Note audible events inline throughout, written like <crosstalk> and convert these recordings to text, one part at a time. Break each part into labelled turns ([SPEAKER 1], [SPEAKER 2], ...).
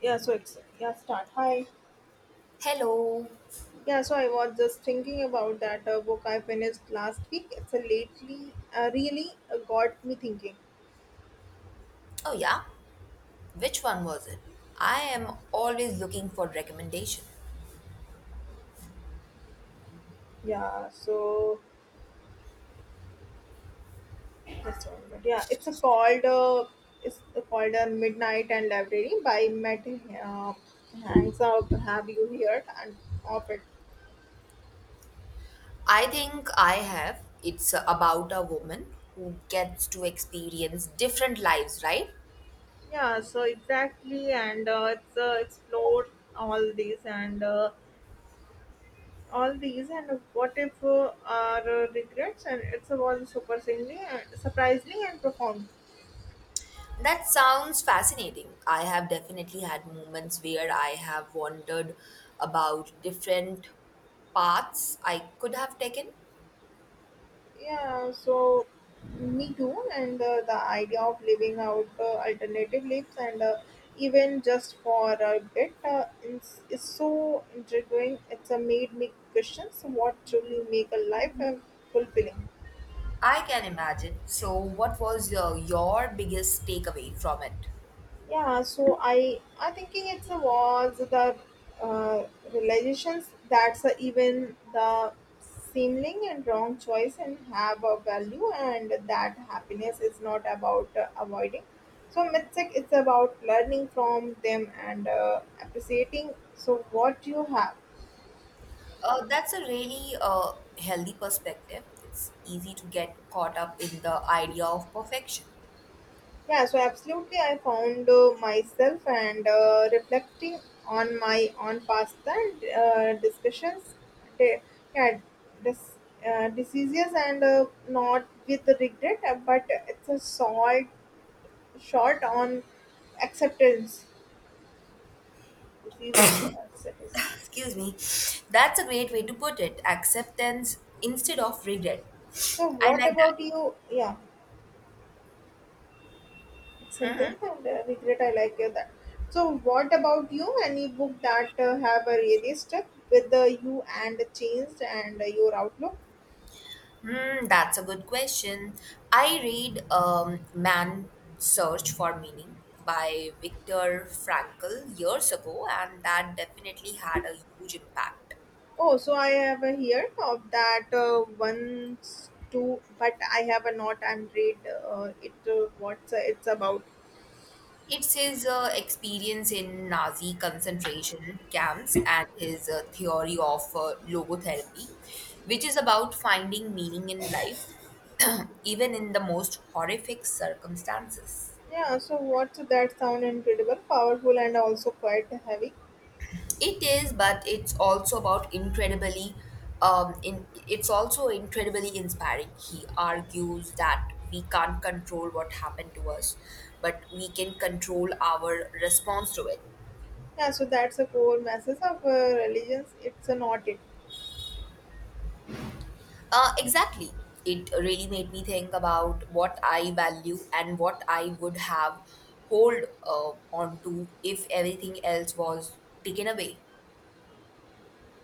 [SPEAKER 1] Yeah, so it's yeah, start. Hi.
[SPEAKER 2] Hello.
[SPEAKER 1] Yeah, so I was just thinking about that book I finished last week. It's a lately really got me thinking.
[SPEAKER 2] Oh, yeah. Which one was it? I am always looking for recommendation.
[SPEAKER 1] Yeah, so just one minute. Yeah, it's a called it's called Midnight and Library by Matt uh, Hanks. Up, have you heard and of it?
[SPEAKER 2] I think I have. It's about a woman who gets to experience different lives, right?
[SPEAKER 1] Yeah, so exactly, and it's explore all these and. All these and what if our regrets and it's was super surprisingly and surprisingly and profound.
[SPEAKER 2] That sounds fascinating. I have definitely had moments where I have wondered about different paths I could have taken.
[SPEAKER 1] Yeah, so me too, and the idea of living out alternative lives and even just for a bit is so intriguing. It's made me question what truly make a life fulfilling.
[SPEAKER 2] I can imagine. So, what was your biggest takeaway from it?
[SPEAKER 1] Yeah, so I thinking it's a was the uh, realizations that's a, even the seeming and wrong choice and have a value, and that happiness is not about avoiding so mistake. It's about learning from them and appreciating so what you have.
[SPEAKER 2] That's a really healthy perspective. It's easy to get caught up in the idea of perfection.
[SPEAKER 1] Yeah, so absolutely, I found myself and reflecting on my on past and discussions, de- yeah, dis- diseases, and not with regret, but it's a short short on acceptance season.
[SPEAKER 2] Excuse me. That's a great way to put it. Acceptance instead of regret.
[SPEAKER 1] So
[SPEAKER 2] I
[SPEAKER 1] what
[SPEAKER 2] like that.
[SPEAKER 1] about you? Yeah. Sentence and regret, I like that. So what about you, any book that have really stuck with you and changed and your outlook?
[SPEAKER 2] That's a good question. I read Man Search for Meaning by Viktor Frankl years ago, and that definitely had a huge impact.
[SPEAKER 1] Oh, so I have heard of that once two, but I have not and read it. What's it's about?
[SPEAKER 2] It's his experience in Nazi concentration camps and his theory of logotherapy, which is about finding meaning in life, <clears throat> even in the most horrific circumstances.
[SPEAKER 1] Yeah, so what's that sound incredible powerful and also quite heavy.
[SPEAKER 2] It is, but it's also about incredibly. It's also incredibly inspiring. He argues that we can't control what happened to us, but we can control our response to it.
[SPEAKER 1] Yeah, so that's a core message of religions. It's not it.
[SPEAKER 2] Exactly. It really made me think about what I value and what I would have hold on to if everything else was taken away.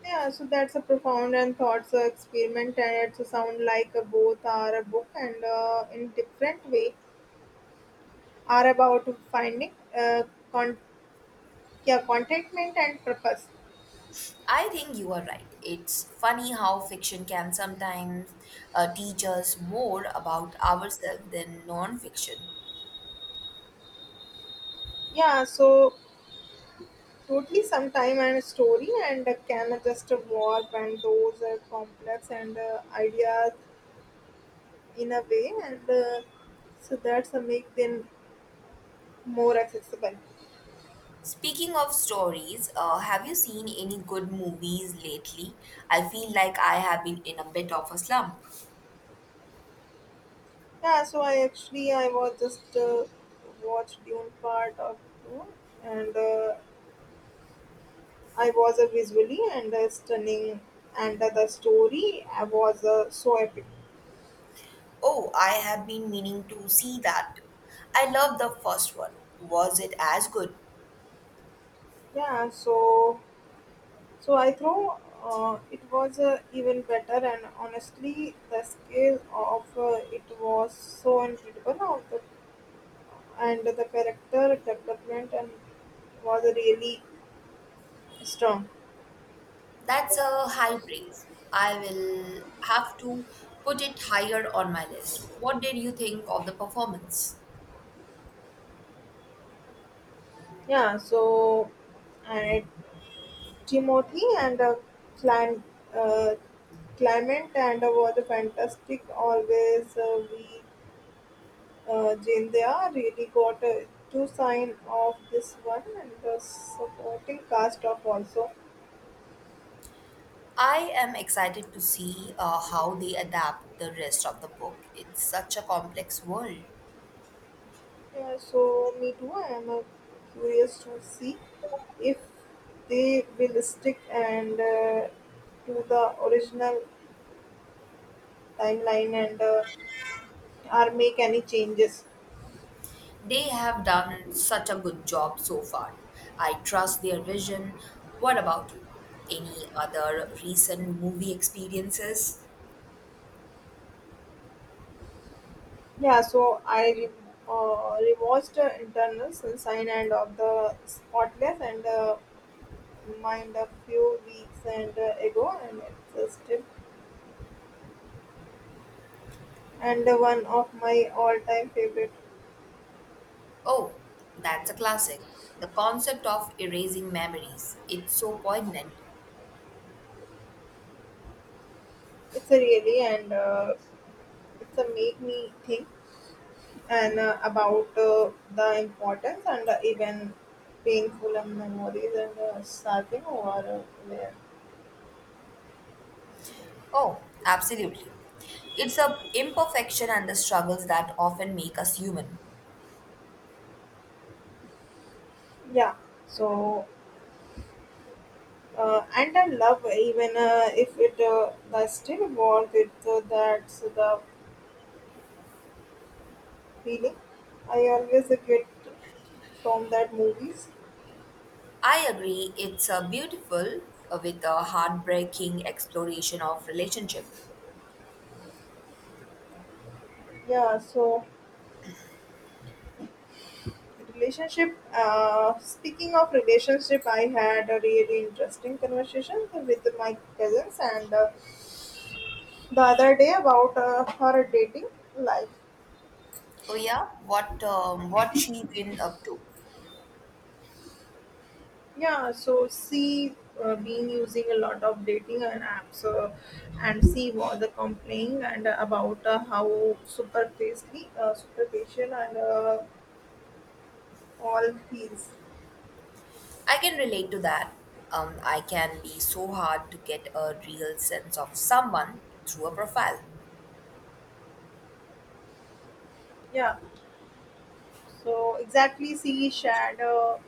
[SPEAKER 1] Yeah, so that's a profound and thoughts experiment, and it's sound like both are a book and in different way are about finding uh, con- yeah contentment and purpose.
[SPEAKER 2] I think you are right. It's funny how fiction can sometimes teach us more about ourselves than non-fiction.
[SPEAKER 1] Yeah, so totally sometime and story and can just warp and those are complex and ideas in a way and so that's a make them more accessible.
[SPEAKER 2] Speaking of stories, have you seen any good movies lately? I feel like I have been in a bit of a slump.
[SPEAKER 1] Yeah, so I actually I was just watched Dune part of Dune, and I was a visually and stunning, and the story I was so epic.
[SPEAKER 2] Oh, I have been meaning to see that. I love the first one. Was it as good?
[SPEAKER 1] Yeah, so I throw it was even better, and honestly, the scale of it was so incredible, of the, and the character development and was really strong.
[SPEAKER 2] That's a high praise. I will have to put it higher on my list. What did you think of the performance?
[SPEAKER 1] Yeah, so and Timothy and Clan, uh, Clement and were the fantastic. Always we Jindya really got to sign off this one, and the supporting cast of also.
[SPEAKER 2] I am excited to see how they adapt the rest of the book. It's such a complex world.
[SPEAKER 1] Yeah, so me too. I am curious to see if they will stick and to the original timeline and or make any changes.
[SPEAKER 2] They have done such a good job so far. I trust their vision. What about you? Any other recent movie experiences?
[SPEAKER 1] Yeah, so I rewatched Internal Sunshine and of the Spotless and Mind a few weeks and ago, and it's still and one of my all-time favorite.
[SPEAKER 2] Oh, that's a classic. The concept of erasing memories. It's so poignant.
[SPEAKER 1] It's a really and it's a make me think and about the importance and even painful memories and starting over there.
[SPEAKER 2] Oh, absolutely. It's a imperfection and the struggles that often make us human.
[SPEAKER 1] Yeah, so and I love even if it I still want it, so that's the feeling I always get from that movies.
[SPEAKER 2] I agree, it's a beautiful with a heartbreaking exploration of relationship.
[SPEAKER 1] Yeah, so relationship speaking of relationship, I had a really interesting conversation with my cousins and the other day about her dating life.
[SPEAKER 2] So yeah, what what she been up to?
[SPEAKER 1] Yeah, so she been using a lot of dating and apps, and she was complaining and about how superficially, superficial and all feels.
[SPEAKER 2] I can relate to that. I can be so hard to get a real sense of someone through a profile.
[SPEAKER 1] Yeah, so exactly she shared.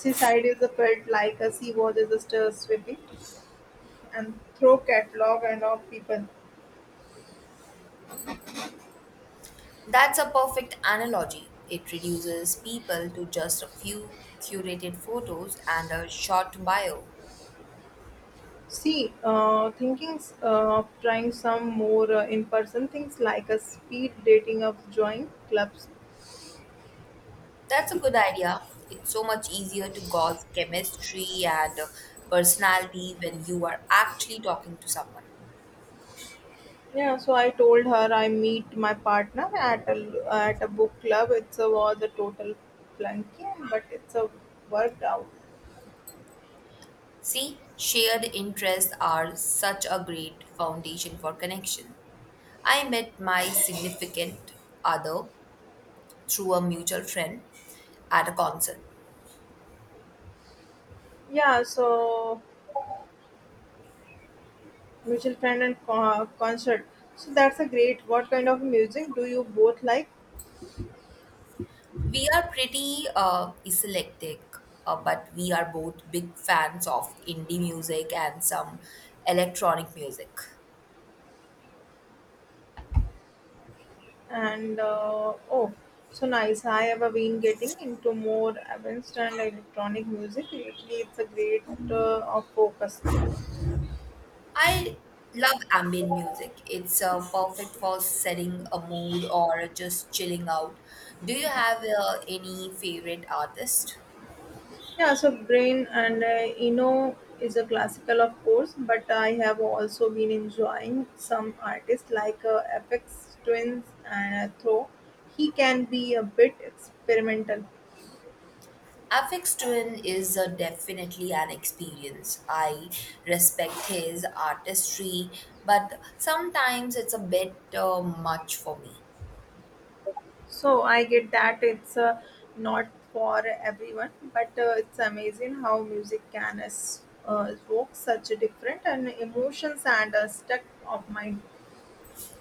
[SPEAKER 1] She side is a bit like a she was just swimming and throw catalog and of people.
[SPEAKER 2] That's a perfect analogy. It reduces people to just a few curated photos and a short bio.
[SPEAKER 1] See, thinking of trying some more in person things like a speed dating of join clubs.
[SPEAKER 2] That's a good idea. It's so much easier to gauge chemistry and personality when you are actually talking to someone.
[SPEAKER 1] Yeah, so I told her I meet my partner at a book club. It's a was a total flunky, and but it's a worked out.
[SPEAKER 2] See, shared interests are such a great foundation for connection. I met my significant other through a mutual friend at a concert.
[SPEAKER 1] Yeah, so mutual friend and concert. So that's a great. What kind of music do you both like?
[SPEAKER 2] We are pretty eclectic, but we are both big fans of indie music and some electronic music.
[SPEAKER 1] And oh, so nice. I have been getting into more advanced and electronic music lately. It's a great of focus.
[SPEAKER 2] I love ambient music. It's perfect for setting a mood or just chilling out. Do you have any favorite artist?
[SPEAKER 1] Yeah, so Brain and Eno is a classical, of course, but I have also been enjoying some artists like Apex Twins and Throw. He can be a bit experimental.
[SPEAKER 2] Afix Twin is definitely an experience. I respect his artistry, but sometimes it's a bit much for me.
[SPEAKER 1] So I get that it's not for everyone, but it's amazing how music can evoke such a different and emotions and a stuck of mind.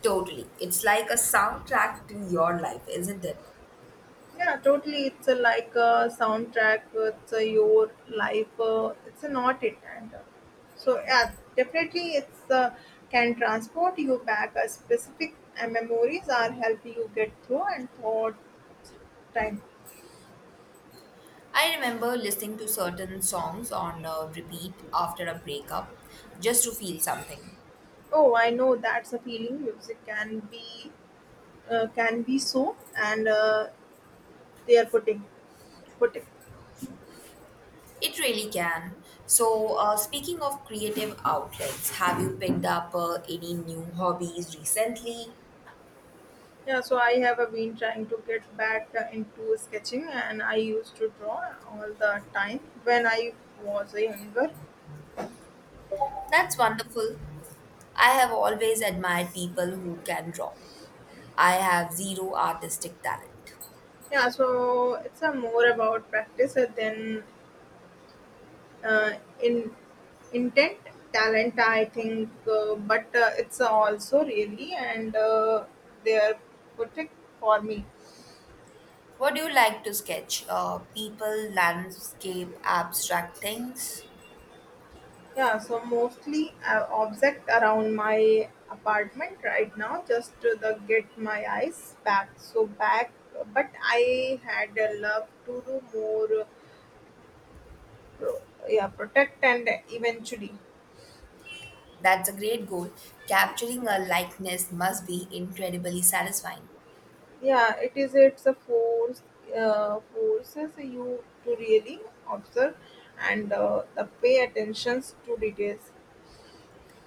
[SPEAKER 2] Totally. It's like a soundtrack to your life, isn't it?
[SPEAKER 1] Yeah, totally. It's a, like a soundtrack. It's a, your life. It's a not it, and so yeah, definitely it's can transport you back. A specific memories are help you get through and thought time.
[SPEAKER 2] I remember listening to certain songs on repeat after a breakup just to feel something.
[SPEAKER 1] Oh, I know that's a feeling. Music can be so, and they are putting.
[SPEAKER 2] It really can. So, speaking of creative outlets, have you picked up any new hobbies recently?
[SPEAKER 1] Yeah, so I have been trying to get back into sketching, and I used to draw all the time when I was younger.
[SPEAKER 2] That's wonderful. I have always admired people who can draw. I have zero artistic talent.
[SPEAKER 1] Yeah, so it's a more about practice than uh, in intent, talent, I think. But it's also really and they're protect for me.
[SPEAKER 2] What do you like to sketch? People, landscape, abstract things?
[SPEAKER 1] Yeah, so mostly object around my apartment right now just to the get my eyes back. So back, but I had a love to do more. Pro- yeah, protect and eventually.
[SPEAKER 2] That's a great goal. Capturing a likeness must be incredibly satisfying.
[SPEAKER 1] Yeah, it is. It's a force forces you to really observe and the pay attentions to details.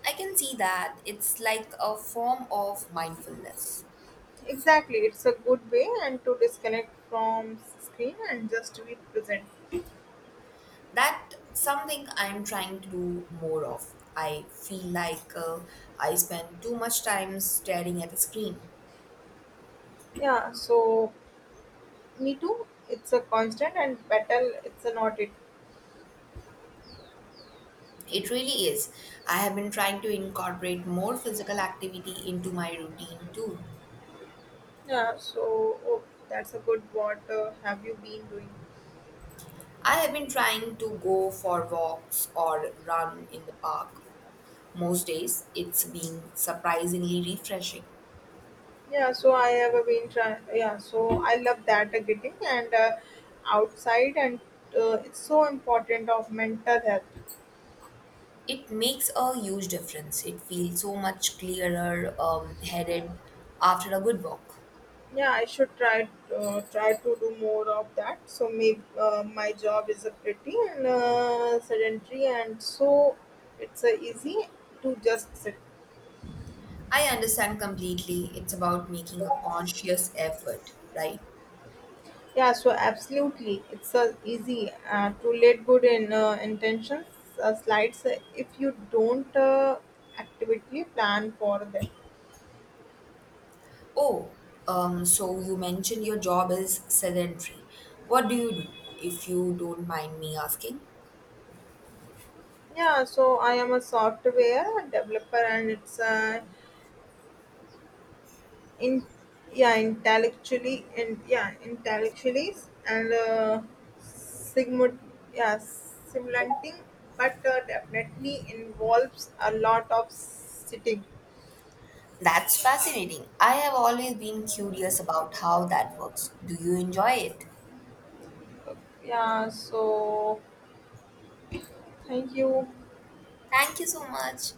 [SPEAKER 2] I can see that. It's like a form of mindfulness.
[SPEAKER 1] Exactly, it's a good way and to disconnect from screen and just to be present.
[SPEAKER 2] That's something I'm trying to do more of. I feel like I spend too much time staring at a screen.
[SPEAKER 1] Yeah, so me too. It's a constant and battle. It's a not it.
[SPEAKER 2] It really is. I have been trying to incorporate more physical activity into my routine too.
[SPEAKER 1] Yeah, so oh, that's a good, what have you been doing?
[SPEAKER 2] I have been trying to go for walks or run in the park most days. It's been surprisingly refreshing.
[SPEAKER 1] Yeah, so I have been trying. Yeah, so I love that getting and outside, and it's so important of mental health.
[SPEAKER 2] It makes a huge difference. It feels so much clearer headed after a good walk.
[SPEAKER 1] Yeah, I should try try to do more of that. So maybe my job is a pretty and sedentary, and so it's easy to just sit.
[SPEAKER 2] I understand completely. It's about making a conscious effort, right?
[SPEAKER 1] Yeah, so absolutely, it's easy to let good in intentions slides if you don't actively plan for them.
[SPEAKER 2] Oh, so you mentioned your job is sedentary. What do you do, if you don't mind me asking?
[SPEAKER 1] Yeah, so I am a software developer, and it's in yeah intellectually and sigma yeah simulating, but definitely involves a lot of sitting.
[SPEAKER 2] That's fascinating. I have always been curious about how that works. Do you enjoy it?
[SPEAKER 1] Yeah, so thank you.
[SPEAKER 2] Thank you so much.